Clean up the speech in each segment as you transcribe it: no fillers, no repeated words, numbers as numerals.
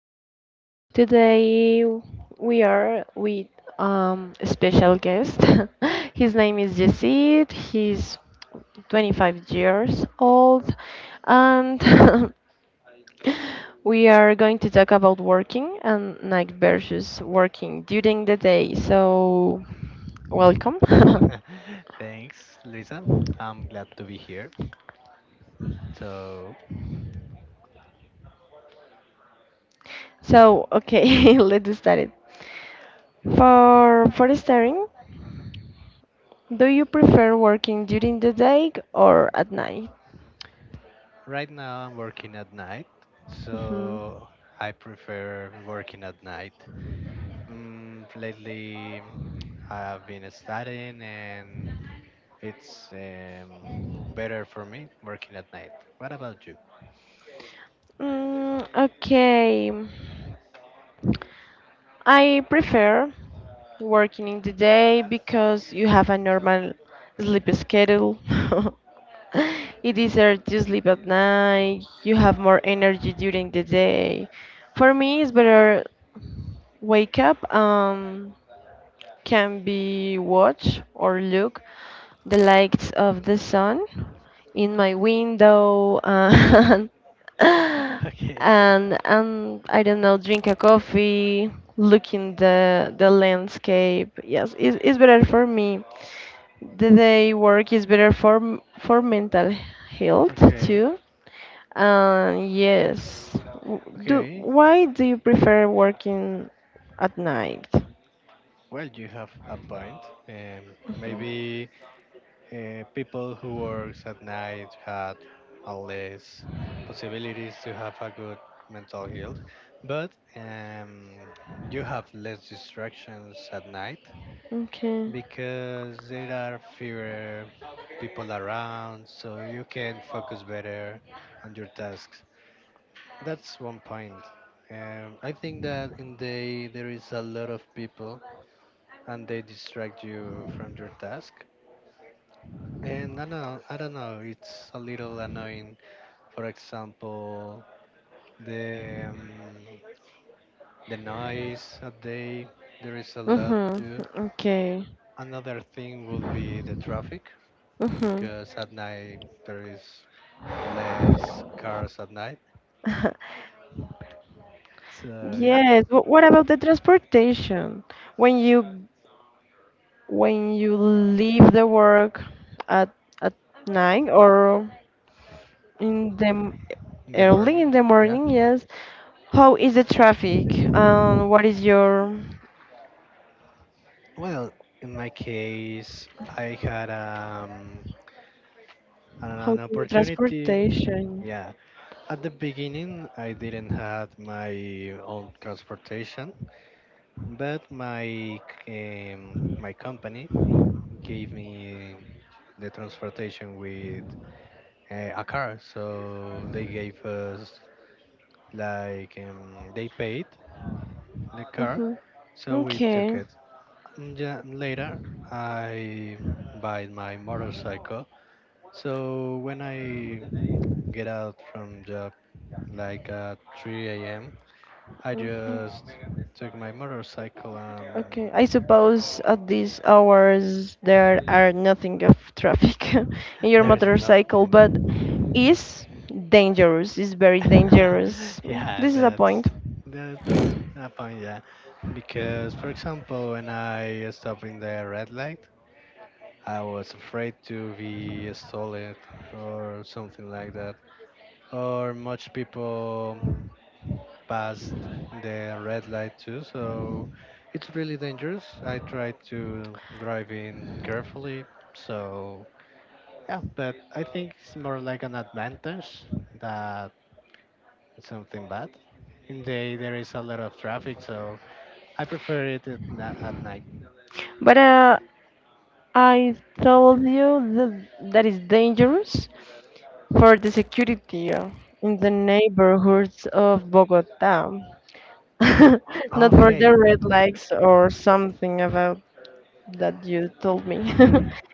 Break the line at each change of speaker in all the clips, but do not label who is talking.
podcast. Today we are with a special guest. His name is Yesid. He's 25 years old, and we are going to talk about working and night versus working during the day. So, welcome.
Thanks, Lisa. I'm glad to be here. So,
So, okay, let's start it. For starting, do you prefer working during the day or at night?
right now I'm working at night,
Mhm.
so I prefer working at night. Mm, lately, I've been studying, and it's better for me working at night. What about you?
Mm, okay. I prefer working in the day because you have a normal sleep schedule. It is easier to sleep at night. You have more energy during the day. For me, it's better wake up. Can be watch or look the lights of the sun in my window and
Okay, so
and I don't know, drink a coffee, looking the landscape. Yes, it's better for me. The day work is better for for mental health
Okay,
too. And yes, do
okay.
why do you prefer working at night?
Well, you have a point. Um,
Mhm.
maybe people who works at night had less possibilities to have a good mental health, but you have less distractions at night
Okay.
because there are fewer people around, so you can focus better on your tasks. That's 1 point. I think that in day there is a lot of people and they distract you from your task. And I don't know, it's a little annoying. For example, the the noise at day, there is a lot too.
Mm-hmm. Okay.
Another thing will be the traffic,
Mm-hmm.
because at night there is less cars at night. So yeah,
Yes. But what about the transportation? When you when you leave the work at at night or in the
in the
early
morning,
in the
yeah.
morning, yes. How is the traffic? What is your
Well, in my case, I had an,
how
an
do you
opportunity,
transportation?
yeah. At the beginning, I didn't have my own transportation, but my company gave me the transportation with a car. So they gave us like they paid the car,
Mm-hmm.
so we took
Okay.
it. And yeah, later, I buy my motorcycle. So when I get out from job like at 3 a.m. I
Mhm.
just took my motorcycle
Okay, I
and
suppose at these hours there are nothing of traffic in your
there is
motorcycle, but
nothing.
is dangerous, is very dangerous. Mm,
Yeah,
this is a
that's
point.
that's a point. Yeah, because for example, when I stopped in the red light, I was afraid to be stolen or something like that. Or much people pass the red light too, so it's really dangerous. I try to drive in carefully, so yeah, but I think it's more like an advantage that something bad. In the day there is a lot of traffic, so I prefer it at, at night.
But I told you that that is dangerous for the security in the neighborhoods of Bogota, not for the
Okay.
red lights or something about that you told me.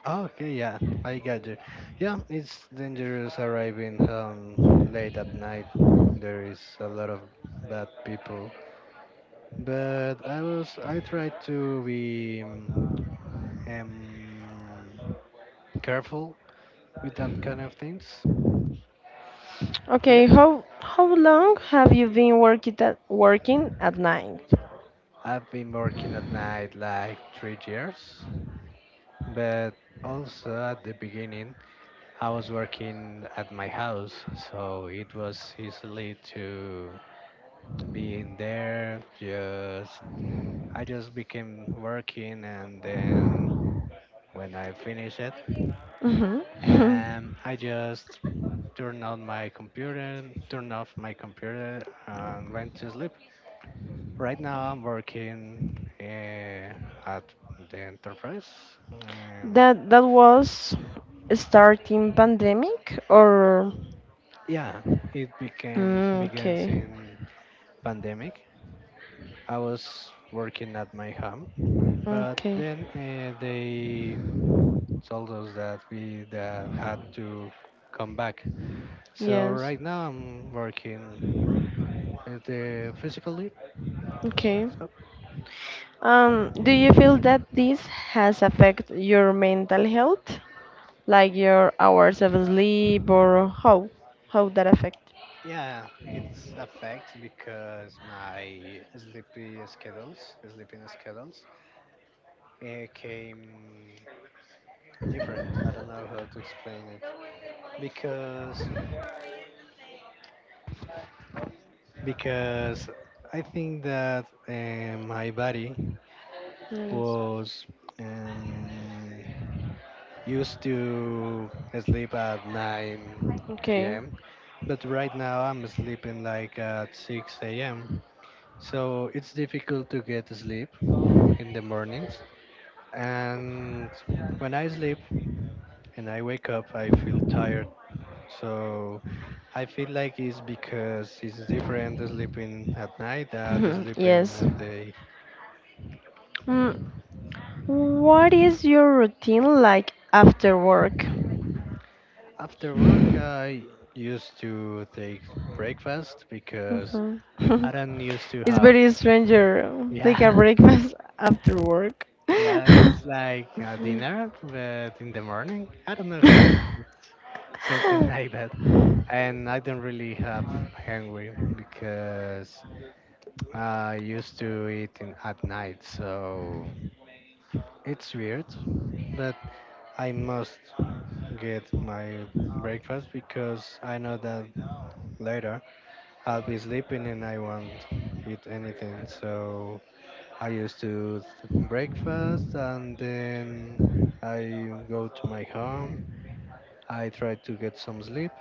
Okay, yeah, I got you. Yeah, it's dangerous arriving home late at night. There is a lot of bad people. But I tried to be um, careful with that kind of things. So yeah.
Okay, how long have you been working at night?
I've been working at night like 3 years, but also at the beginning, I was working at my house, so it was easily to be in there. Just I just became working, and then when I finish it,
Hmm.
I just turn on my computer, turn off my computer, and went to sleep. Right now, I'm working at the enterprise. Um,
That that was starting pandemic or
yeah, it became
mm,
begins
okay.
in pandemic. I was working at my home, but
Okay.
then they told us that we that had to come back. So
Yes.
right now, I'm working at the physical lead.
Okay.
So
Do you feel that this has affected your mental health? Like your hours of sleep or how that affect?
yeah, it affects because my sleeping schedules, it came different. I don't know how to explain it because because I think that my body
Yes.
was um, used to sleep at 9
Okay.
p.m. But right now I'm sleeping like at 6 a.m. So it's difficult to get sleep in the mornings. And when I sleep and I wake up, I feel tired. So I feel like it's because it's different sleeping at night than sleeping
Yes.
at day.
Mm, what is your routine like after work?
After work,
Mhm.
I used to take breakfast because I don't used to
It's
have.
very stranger. Take a
Yeah,
breakfast after work.
yeah,
Okay,
it's like a dinner, but in the morning, I don't know, something like that. And I don't really have hungry because I used to at night, so it's weird. But I must get my breakfast because I know that later I'll be sleeping and I won't eat anything. So I used to breakfast and then I go to my home. I try to get some sleep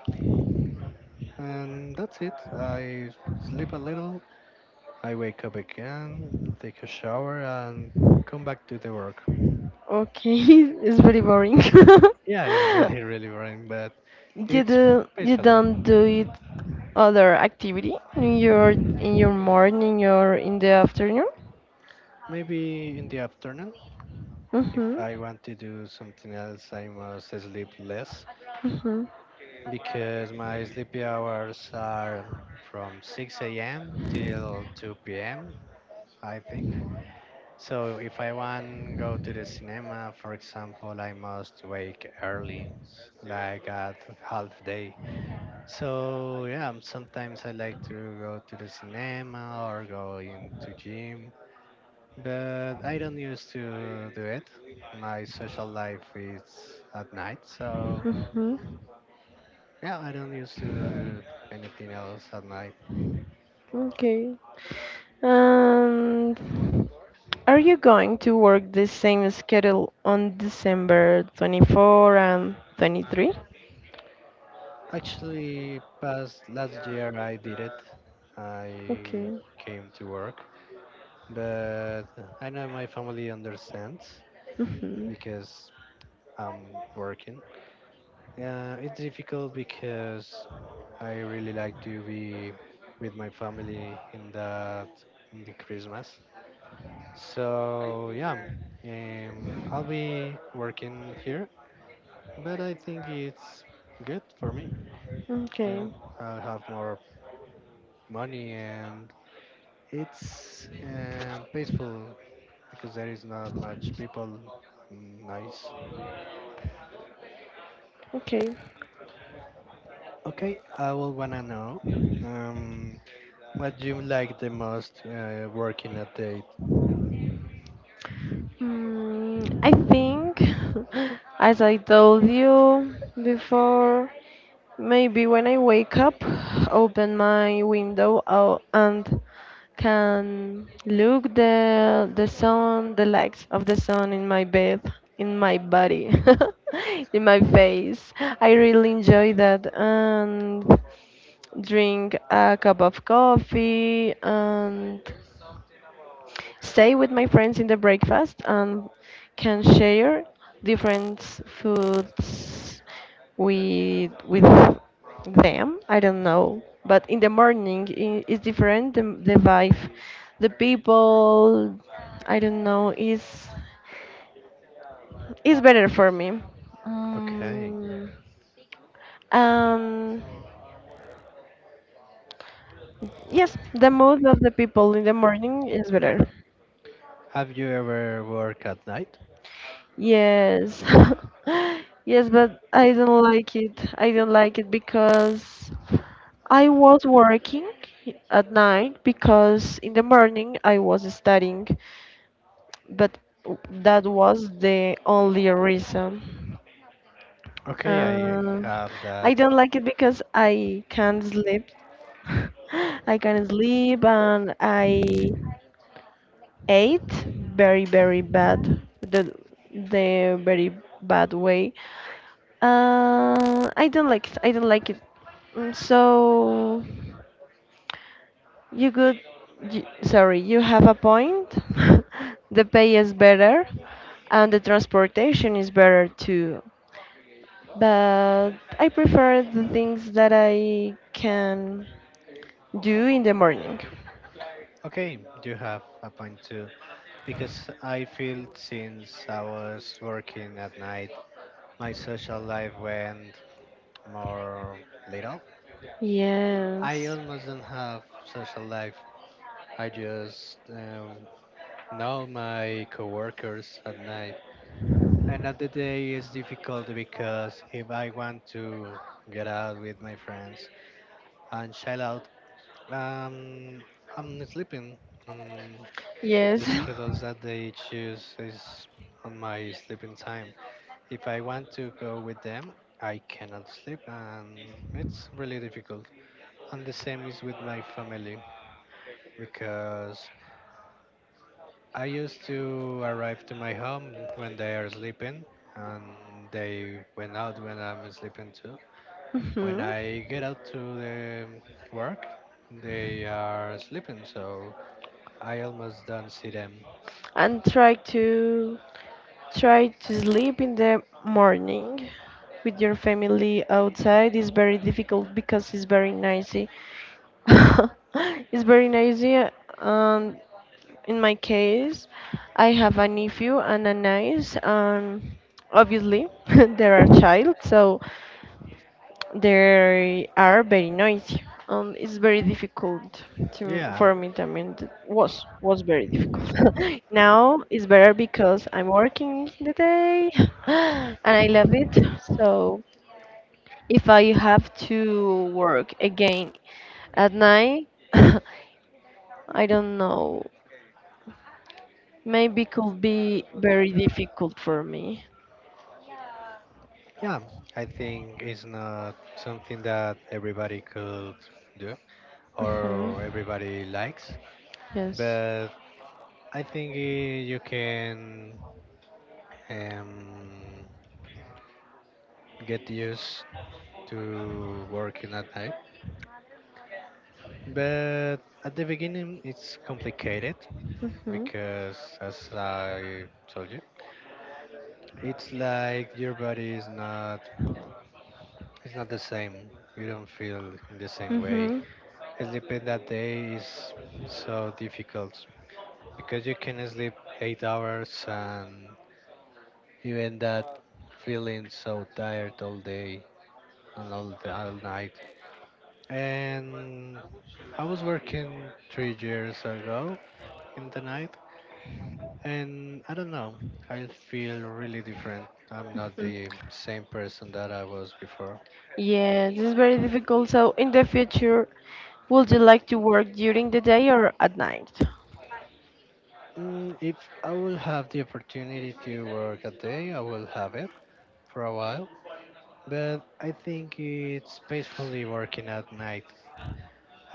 and that's it. I sleep a little. I wake up again, take a shower, and come back to the work.
it's very boring.
Yeah, it's really, really boring, but
You
it's
do you
peacefully.
don't do it other activity in your morning or in the afternoon?
Maybe in the afternoon, if
Mhm.
I want to do something else, I must sleep less
Mhm.
because my sleepy hours are from 6 a.m. till 2 p.m., I think. So if I want go to the cinema, for example, I must wake early, like at half day. So yeah, sometimes I like to go to the cinema or go into gym, but I don't used to do it. My social life is at night, so
Hmm.
yeah, I don't used to do anything else at night.
Okay. And are you going to work the same schedule on December 24 and 23?
Actually, past last year I did it. I
Okay.
came to work, but I know my family understands
Hmm.
because I'm working. Yeah, it's difficult because I really like to be with my family in the Christmas. So yeah, I'll be working here, but I think it's good for me.
Okay.
Yeah, I'll have more money and it's peaceful because there is not much people. Mm, nice.
Okay.
Okay, I will wanna know um, what you like the most working a date.
Mm, I think, as I told you before, maybe when I wake up, open my window out and can look the sun, the lights of the sun in my bed, in my body, in my face. I really enjoy that and drink a cup of coffee and stay with my friends in the breakfast and can share different foods with them. I don't know, but in the morning is different. The vibe, the people, I don't know, is better for me.
Okay.
Um, um, yes, the mood of the people in the morning is better.
Have you ever worked at night?
Yes. Yes, but I don't like it. I don't like it because I was working at night because in the morning I was studying, but that was the only reason.
Okay, I
Uh,
have
I
that.
don't like it because I can't sleep. I can't sleep and I ate very, very bad, the very bad way. I don't like it. I don't like it. Mm, so you could, you, sorry, you have a point. The pay is better, and the transportation is better too. But I prefer the things that I can do in the morning.
Okay, you have a point too. Because I feel since I was working at night, my social life went more little. I
Yes.
almost don't have social life. I just know my coworkers at night. And at the day it's difficult because if I want to get out with my friends and chill out Um, I'm sleeping. Um,
Yes.
the schedules that they choose is on my sleeping time. If I want to go with them, I cannot sleep, and it's really difficult. And the same is with my family because I used to arrive to my home when they are sleeping, and they went out when I'm sleeping too. When
Hmm.
I get out to the work, they are sleeping, so I almost don't see them.
And try to try to sleep in the morning with your family outside is very difficult because it's very noisy. It's very noisy. Um, in my case, I have a nephew and a niece. Obviously, they are a child, so they are very noisy, and it's very difficult to
Yeah,
for me. I mean, it was very difficult. Now it's better because I'm working in the day, and I love it. So if I have to work again at night, I don't know. Maybe could be very difficult for me.
yeah. I think it's not something that everybody could do
Hmm.
or everybody likes,
Yes.
but I think you can um, get used to working at night. But at the beginning, it's complicated
Hmm.
because, as I told you, it's like your body is not it's not the same. You don't feel in the same way.
Hmm.
Sleeping that day is so difficult because you can sleep 8 hours and even that feeling so tired all day and all night. And I was working 3 years ago in the night, and I don't know, I feel really different. I'm not the same person that I was before.
Yes, it's very difficult. So, in the future, would you like to work during the day or at night?
Mm, if I will have the opportunity to work a day, I will have it for a while, but I think it's peacefully working at night.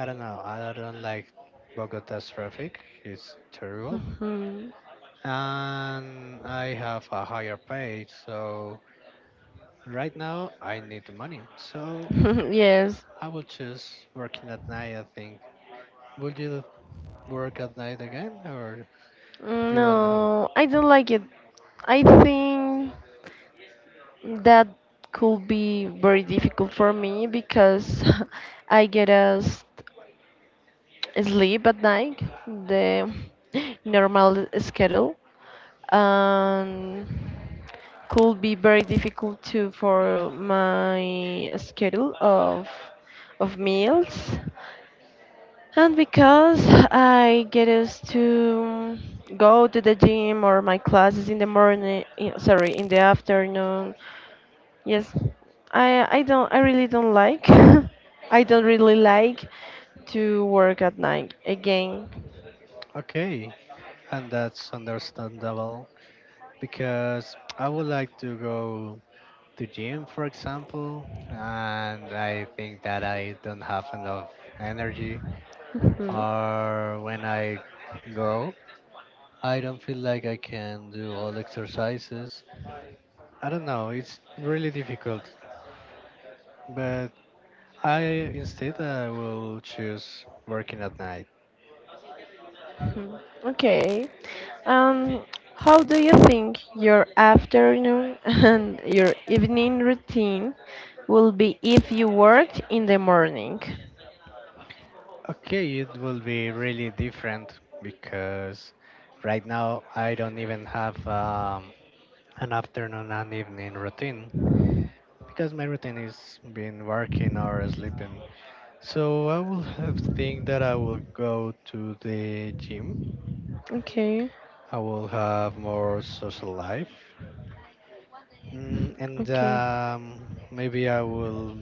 I don't know. I don't like Bogota's traffic. It's terrible,
Mhm.
and I have a higher pay. So right now I need the money. So
Yes.
I will choose working at night. I think. Would you work at night again, or you won't have it?
No, I don't like it. I think that could be very difficult for me because I get a sleep at night, the normal schedule. Um, could be very difficult too for my schedule of meals. And because I get used to go to the gym or my classes in the morning, eh, sorry, in the afternoon. Yes, I really don't like. I don't really like to work at night again.
Okay, and that's understandable because I would like to go to gym, for example, and I think that I don't have enough energy,
Mhm.
or when I go, I don't feel like I can do all exercises. I don't know, it's really difficult, but I will choose working at night.
Hmm. Okay. Um, how do you think your afternoon and your evening routine will be if you worked in the morning?
Okay, it will be really different because right now I don't even have an afternoon and evening routine, because my routine is been working or sleeping. So I will have think that I will go to the gym.
Okay,
I will have more social life, mm, and
okay,
um, maybe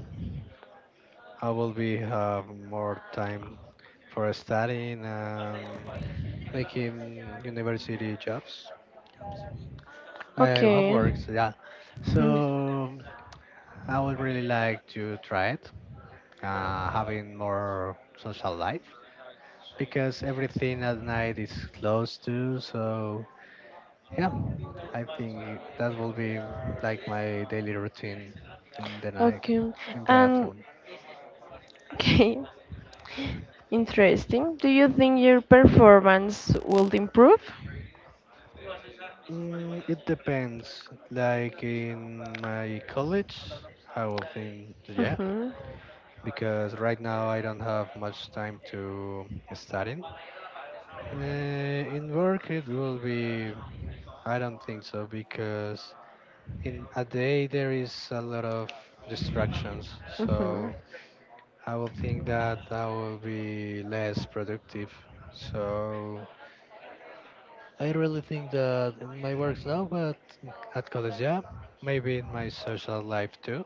I will be have more time for studying, making university jobs,
okay,
homeworks. Yeah,
hmm,
so I would really like to try it, having more social life because everything at night is closed too. So yeah, I think that will be like my daily routine in the night,
okay.
in the
And
afternoon.
okay, interesting. Do you think your performance will improve?
Mm, it depends. Like in my college, I will think yeah,
Mm-hmm.
because right now I don't have much time to studying. In work, it will be. I don't think so because in a day there is a lot of distractions. So I will think that I will be less productive. So I really think that in my works now, but at college, yeah, maybe in my social life too,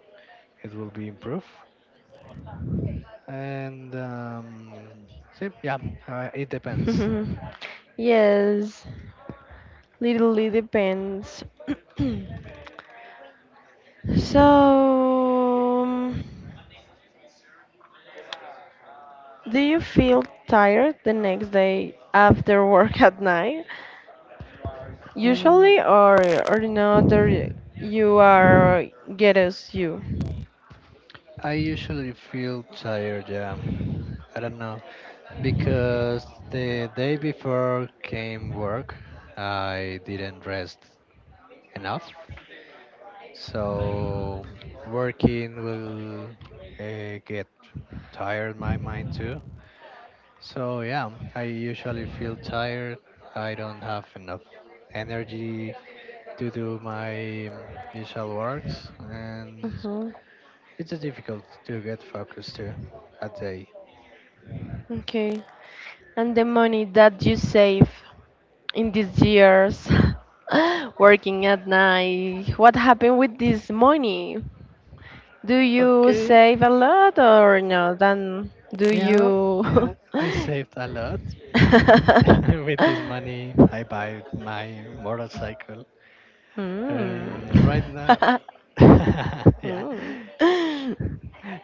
it will be improved. And see, yeah, it depends.
Mm-hmm. Yes, literally depends. So, do you feel tired the next day after work at night?
Mm,
Usually, or not? Or you are get us you.
I usually feel tired, yeah. I don't know because the day before came work, I didn't rest enough. So working will get tired my mind too. So yeah, I usually feel tired. I don't have enough energy to do my usual works, and
Uh-huh.
it's difficult to get focused too a day.
Okay. And the money that you save in these years working at night, what happened with this money? Do you
Okay.
save a lot or no? Then do
Yeah,
you?
yeah. I saved a lot. Mm, with this money, I buy my motorcycle.
Mm.
And right now, yeah,
Mm.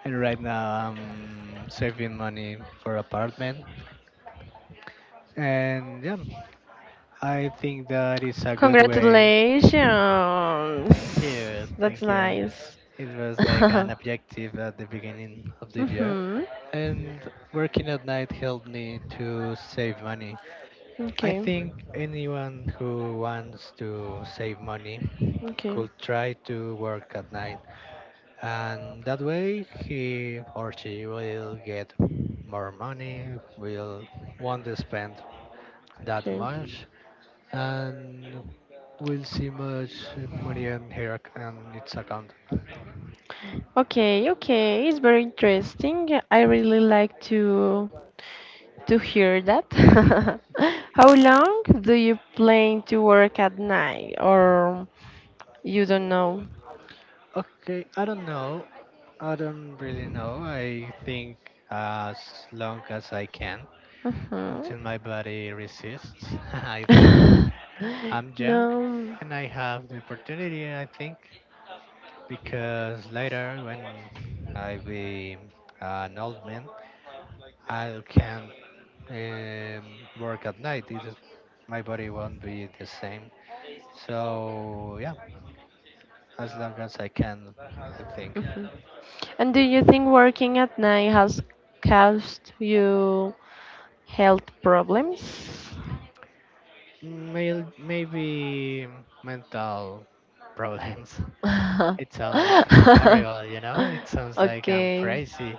and right now I'm saving money for apartment. And yeah, I think that is a good way.
Congratulations.
Thank you,
That's
thank you.
nice.
It was like an objective at the beginning of the year.
Mhm.
And working at night helped me to save money. I
Okay.
think anyone who wants to save money
Okay.
could try to work at night, and that way he or she will get more money, will want to spend that
Okay.
much, and will see much money in her on its account.
Okay, okay, it's very interesting. I really like to hear that. How long do you plan to work at night, or you don't know?
Okay, I don't know. I don't really know. I think as long as I can,
Mhm.
until my body resists, I think. I'm young
No.
and I have the opportunity, I think, because later when I be an old man, I can't work at night. It is, my body won't be the same. So yeah, as long as I can, I think.
Mhm. And do you think working at night has caused you health problems?
Maybe mental problems. It sounds horrible, you know. It sounds like I'm
Okay.
crazy,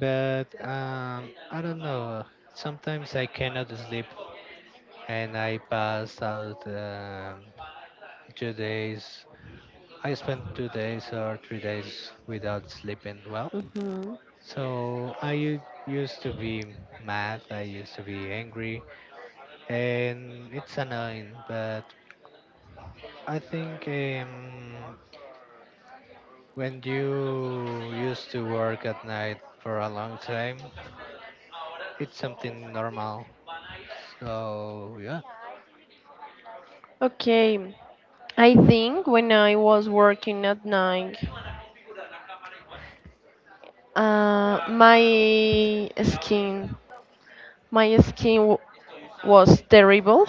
but I don't know. Sometimes I cannot sleep and I pass out. 2 days. I spent 2 days or 3 days without sleeping well.
Mhm.
So I used to be mad, I used to be angry, and it's annoying. But I think, when you used to work at night for a long time, it's something normal. So, yeah,
Okay, I think when I was working at night, uh, my skin, my skin was terrible.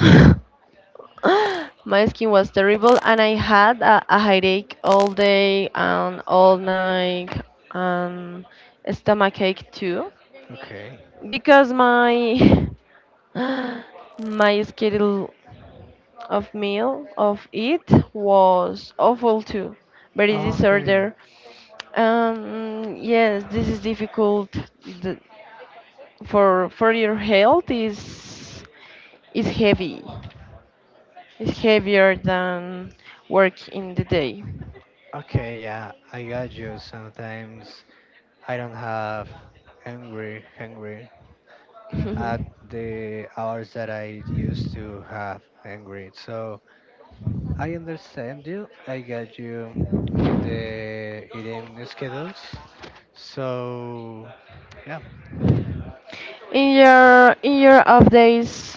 My skin was terrible, and I had a headache all day and all night, and stomachache too,
okay.
because my my schedule of meal of it was awful too very
Okay.
disorder. Yes, this is difficult. The, for your health is heavy. It's heavier than work in the day.
Okay, yeah, I got you. Sometimes I don't have angry, hungry at
In
the hours that I used to have and grade. So I understand you. I got you with the eating schedules. So yeah,
your in your off days,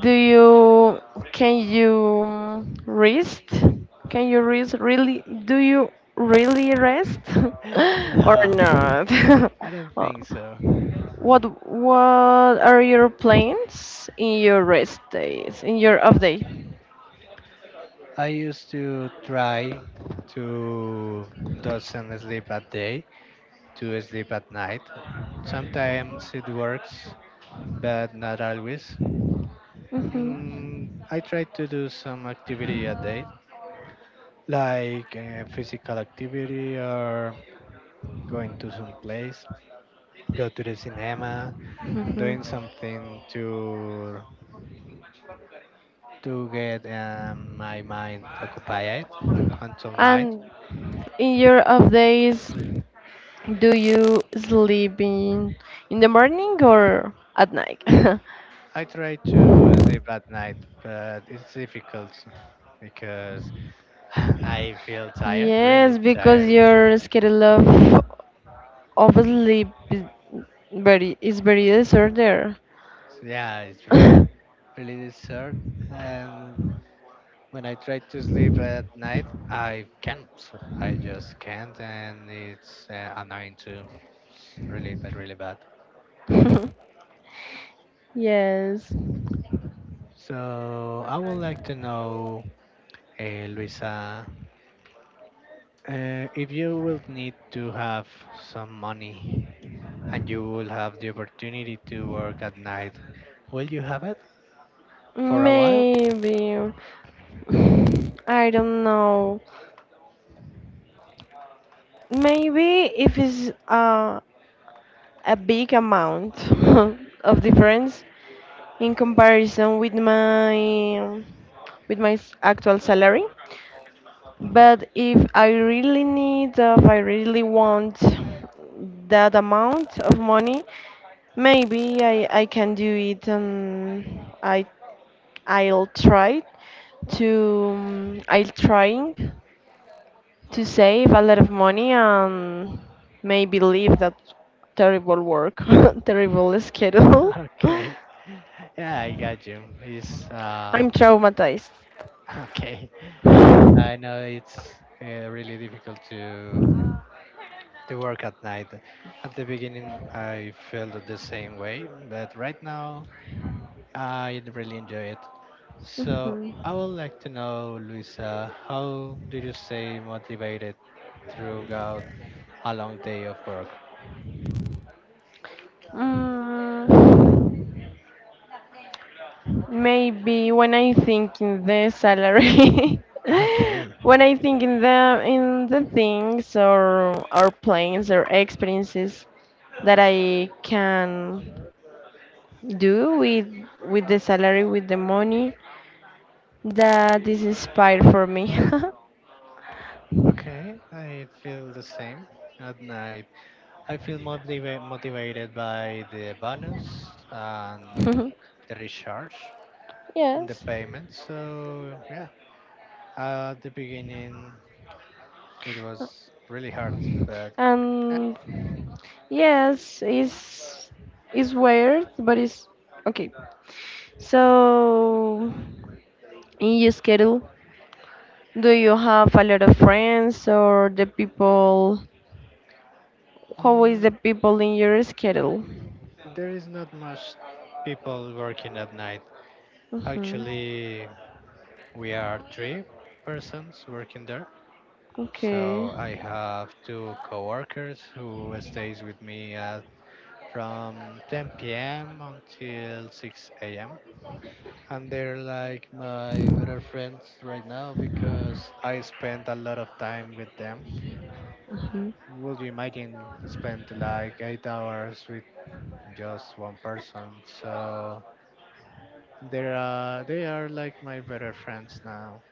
do you can you rest? Can you rest really? Do you really rest or
no,
not?
I don't
Oh.
think so.
What are your plans in your rest days, in your off day?
I used to try to doesn't sleep at day, to sleep at night. Sometimes it works, but not always.
Mhm.
Mm, I try to do some activity at day, like physical activity or going to some place, go to the cinema,
Mhm.
doing something to get my mind occupied until night.
And in your off days, do you sleep in the morning or at night?
I try to sleep at night, but it's difficult because I feel tired, really
Yes, because
tired.
your schedule of sleep is very disordered.
So, yeah, it's really really desert. And when I try to sleep at night, I can't. I just can't, and it's annoying too. It's really bad, really bad.
Yes.
So I would like to know, Luisa, if you will need to have some money and you will have the opportunity to work at night, will you have it for a while?
Maybe. I don't know. Maybe if it's a big amount of difference in comparison with my actual salary. But if I really need, if I really want that amount of money, maybe I can do it and I'll try to I'm trying to save a lot of money and maybe leave that terrible work, terrible schedule.
Okay. Yeah, I got you. It's
I'm traumatized.
okay. I know it's really difficult to work at night. At the beginning, I felt the same way, but right now, I really enjoy it. So
Mhm.
I would like to know, Luisa, how do you stay motivated throughout a long day of work?
Mm, maybe when I think in the salary,
Okay.
when I think in the things or plans or experiences that I can do with the salary with the money that is inspired for me.
Okay, I feel the same at night. I feel motivated by the bonus and the recharge, the
Yes.
payment. So yeah, at the beginning it was really hard, but uh,
And yes, it's weird, but it's okay. So in your schedule, do you have a lot of friends or the people? How is the
mm,
people in your schedule?
there is not much people working at night.
Hmm.
Actually, we are three persons working there.
Okay.
So I have two coworkers who stays with me at from 10 p.m. until 6 a.m. And they're like my better friends right now because I spend a lot of time with them.
Hmm.
Would you imagine to spend like 8 hours with just one person? So there are they are like my better friends now.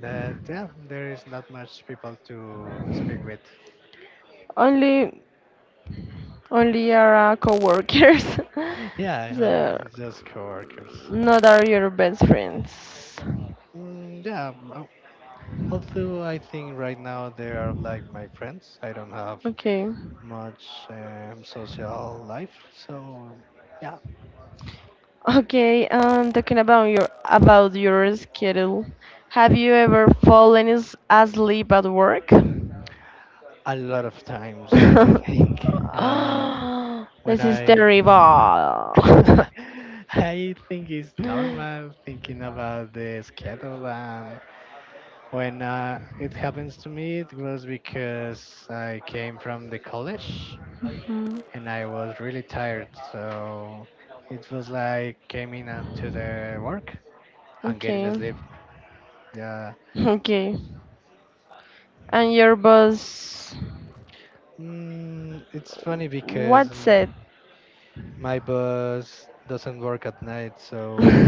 That yeah, there is not much people to speak with.
Only only are coworkers.
Yeah, well,
So
just coworkers.
not are your best friends.
Mm, yeah, well, although I think right now they are like my friends. I don't have
Okay.
much social life, so yeah,
Okay, talking about your schedule, have you ever fallen asleep at work?
a lot of times I think um, when
This is
I
terrible.
I think it's normal thinking about the schedule, and when it happens to me, it was because I came from the college
Mhm.
and I was really tired. So it was like came in to the work and getting a
Okay,
sleep. Yeah,
okay, and your boss,
mm, it's funny because
what
mm,
said?
my boss doesn't work at night, so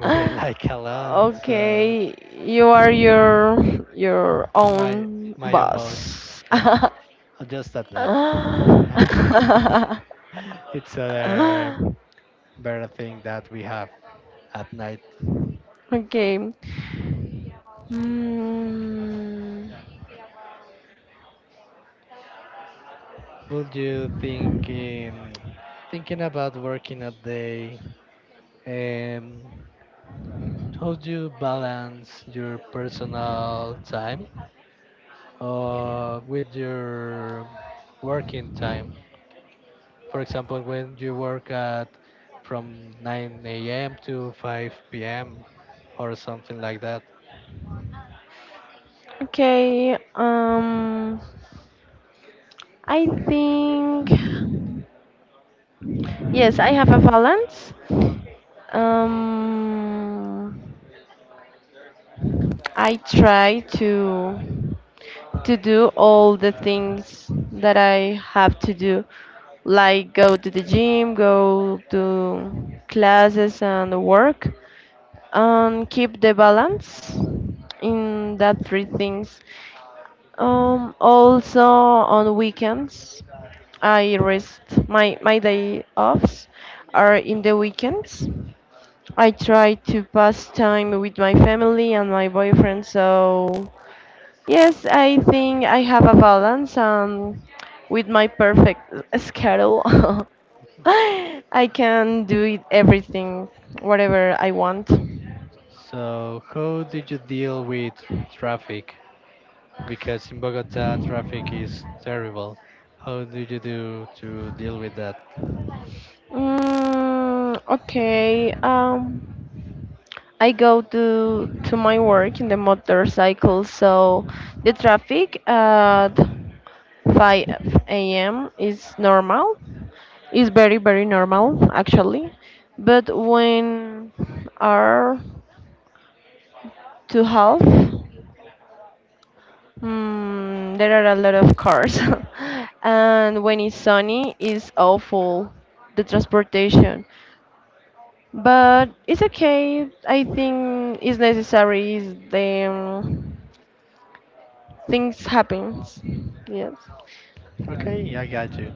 we're like alone. So
Okay, you are your
My
own
my almost
boss.
yeah, just at night.
Ah.
It's other better thing that we have at night.
Okay. Mm,
Would you thinking about working a day? Um, how do you balance your personal time with your working time? For example, when you work at from 9 a.m. to 5 p.m. or something like that.
okay. I think yes, I have a balance. Um, I try to do all the things that I have to do, like go to the gym, go to classes and work, and keep the balance in that three things. Also on weekends, I rest my my day offs are in the weekends. I try to pass time with my family and my boyfriend. So yes, I think I have a balance and with my perfect schedule, I can do it everything whatever I want.
So, how did you deal with traffic? Because in Bogota, traffic is terrible. How did you do to deal with that?
Mm, okay. I go to my work in the motorcycle, so the traffic at 5 a.m. is normal. It's very very normal actually, but when are to half, mm, there are a lot of cars, and when it's sunny, it's awful. The transportation. But it's okay. I think it's necessary. Is the things happens. Yes.
Okay, I got you.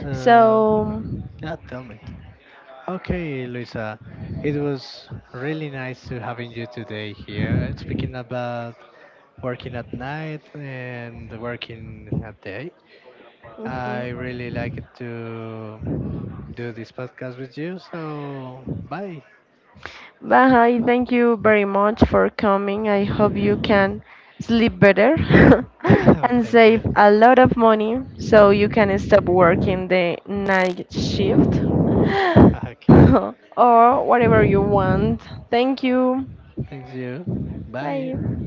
So,
So.
yeah, tell me. Okay, Luisa, it was really nice to having you today here and speaking about working at night and working at day. I
Mhm.
really like it to do this podcast with you. So bye.
But thank you very much for coming. I hope you can sleep better and
Thank you.
save a lot of money so you can stop working the night shift
Okay.
or whatever you want. Thank you.
Thanks you.
Bye.
Bye.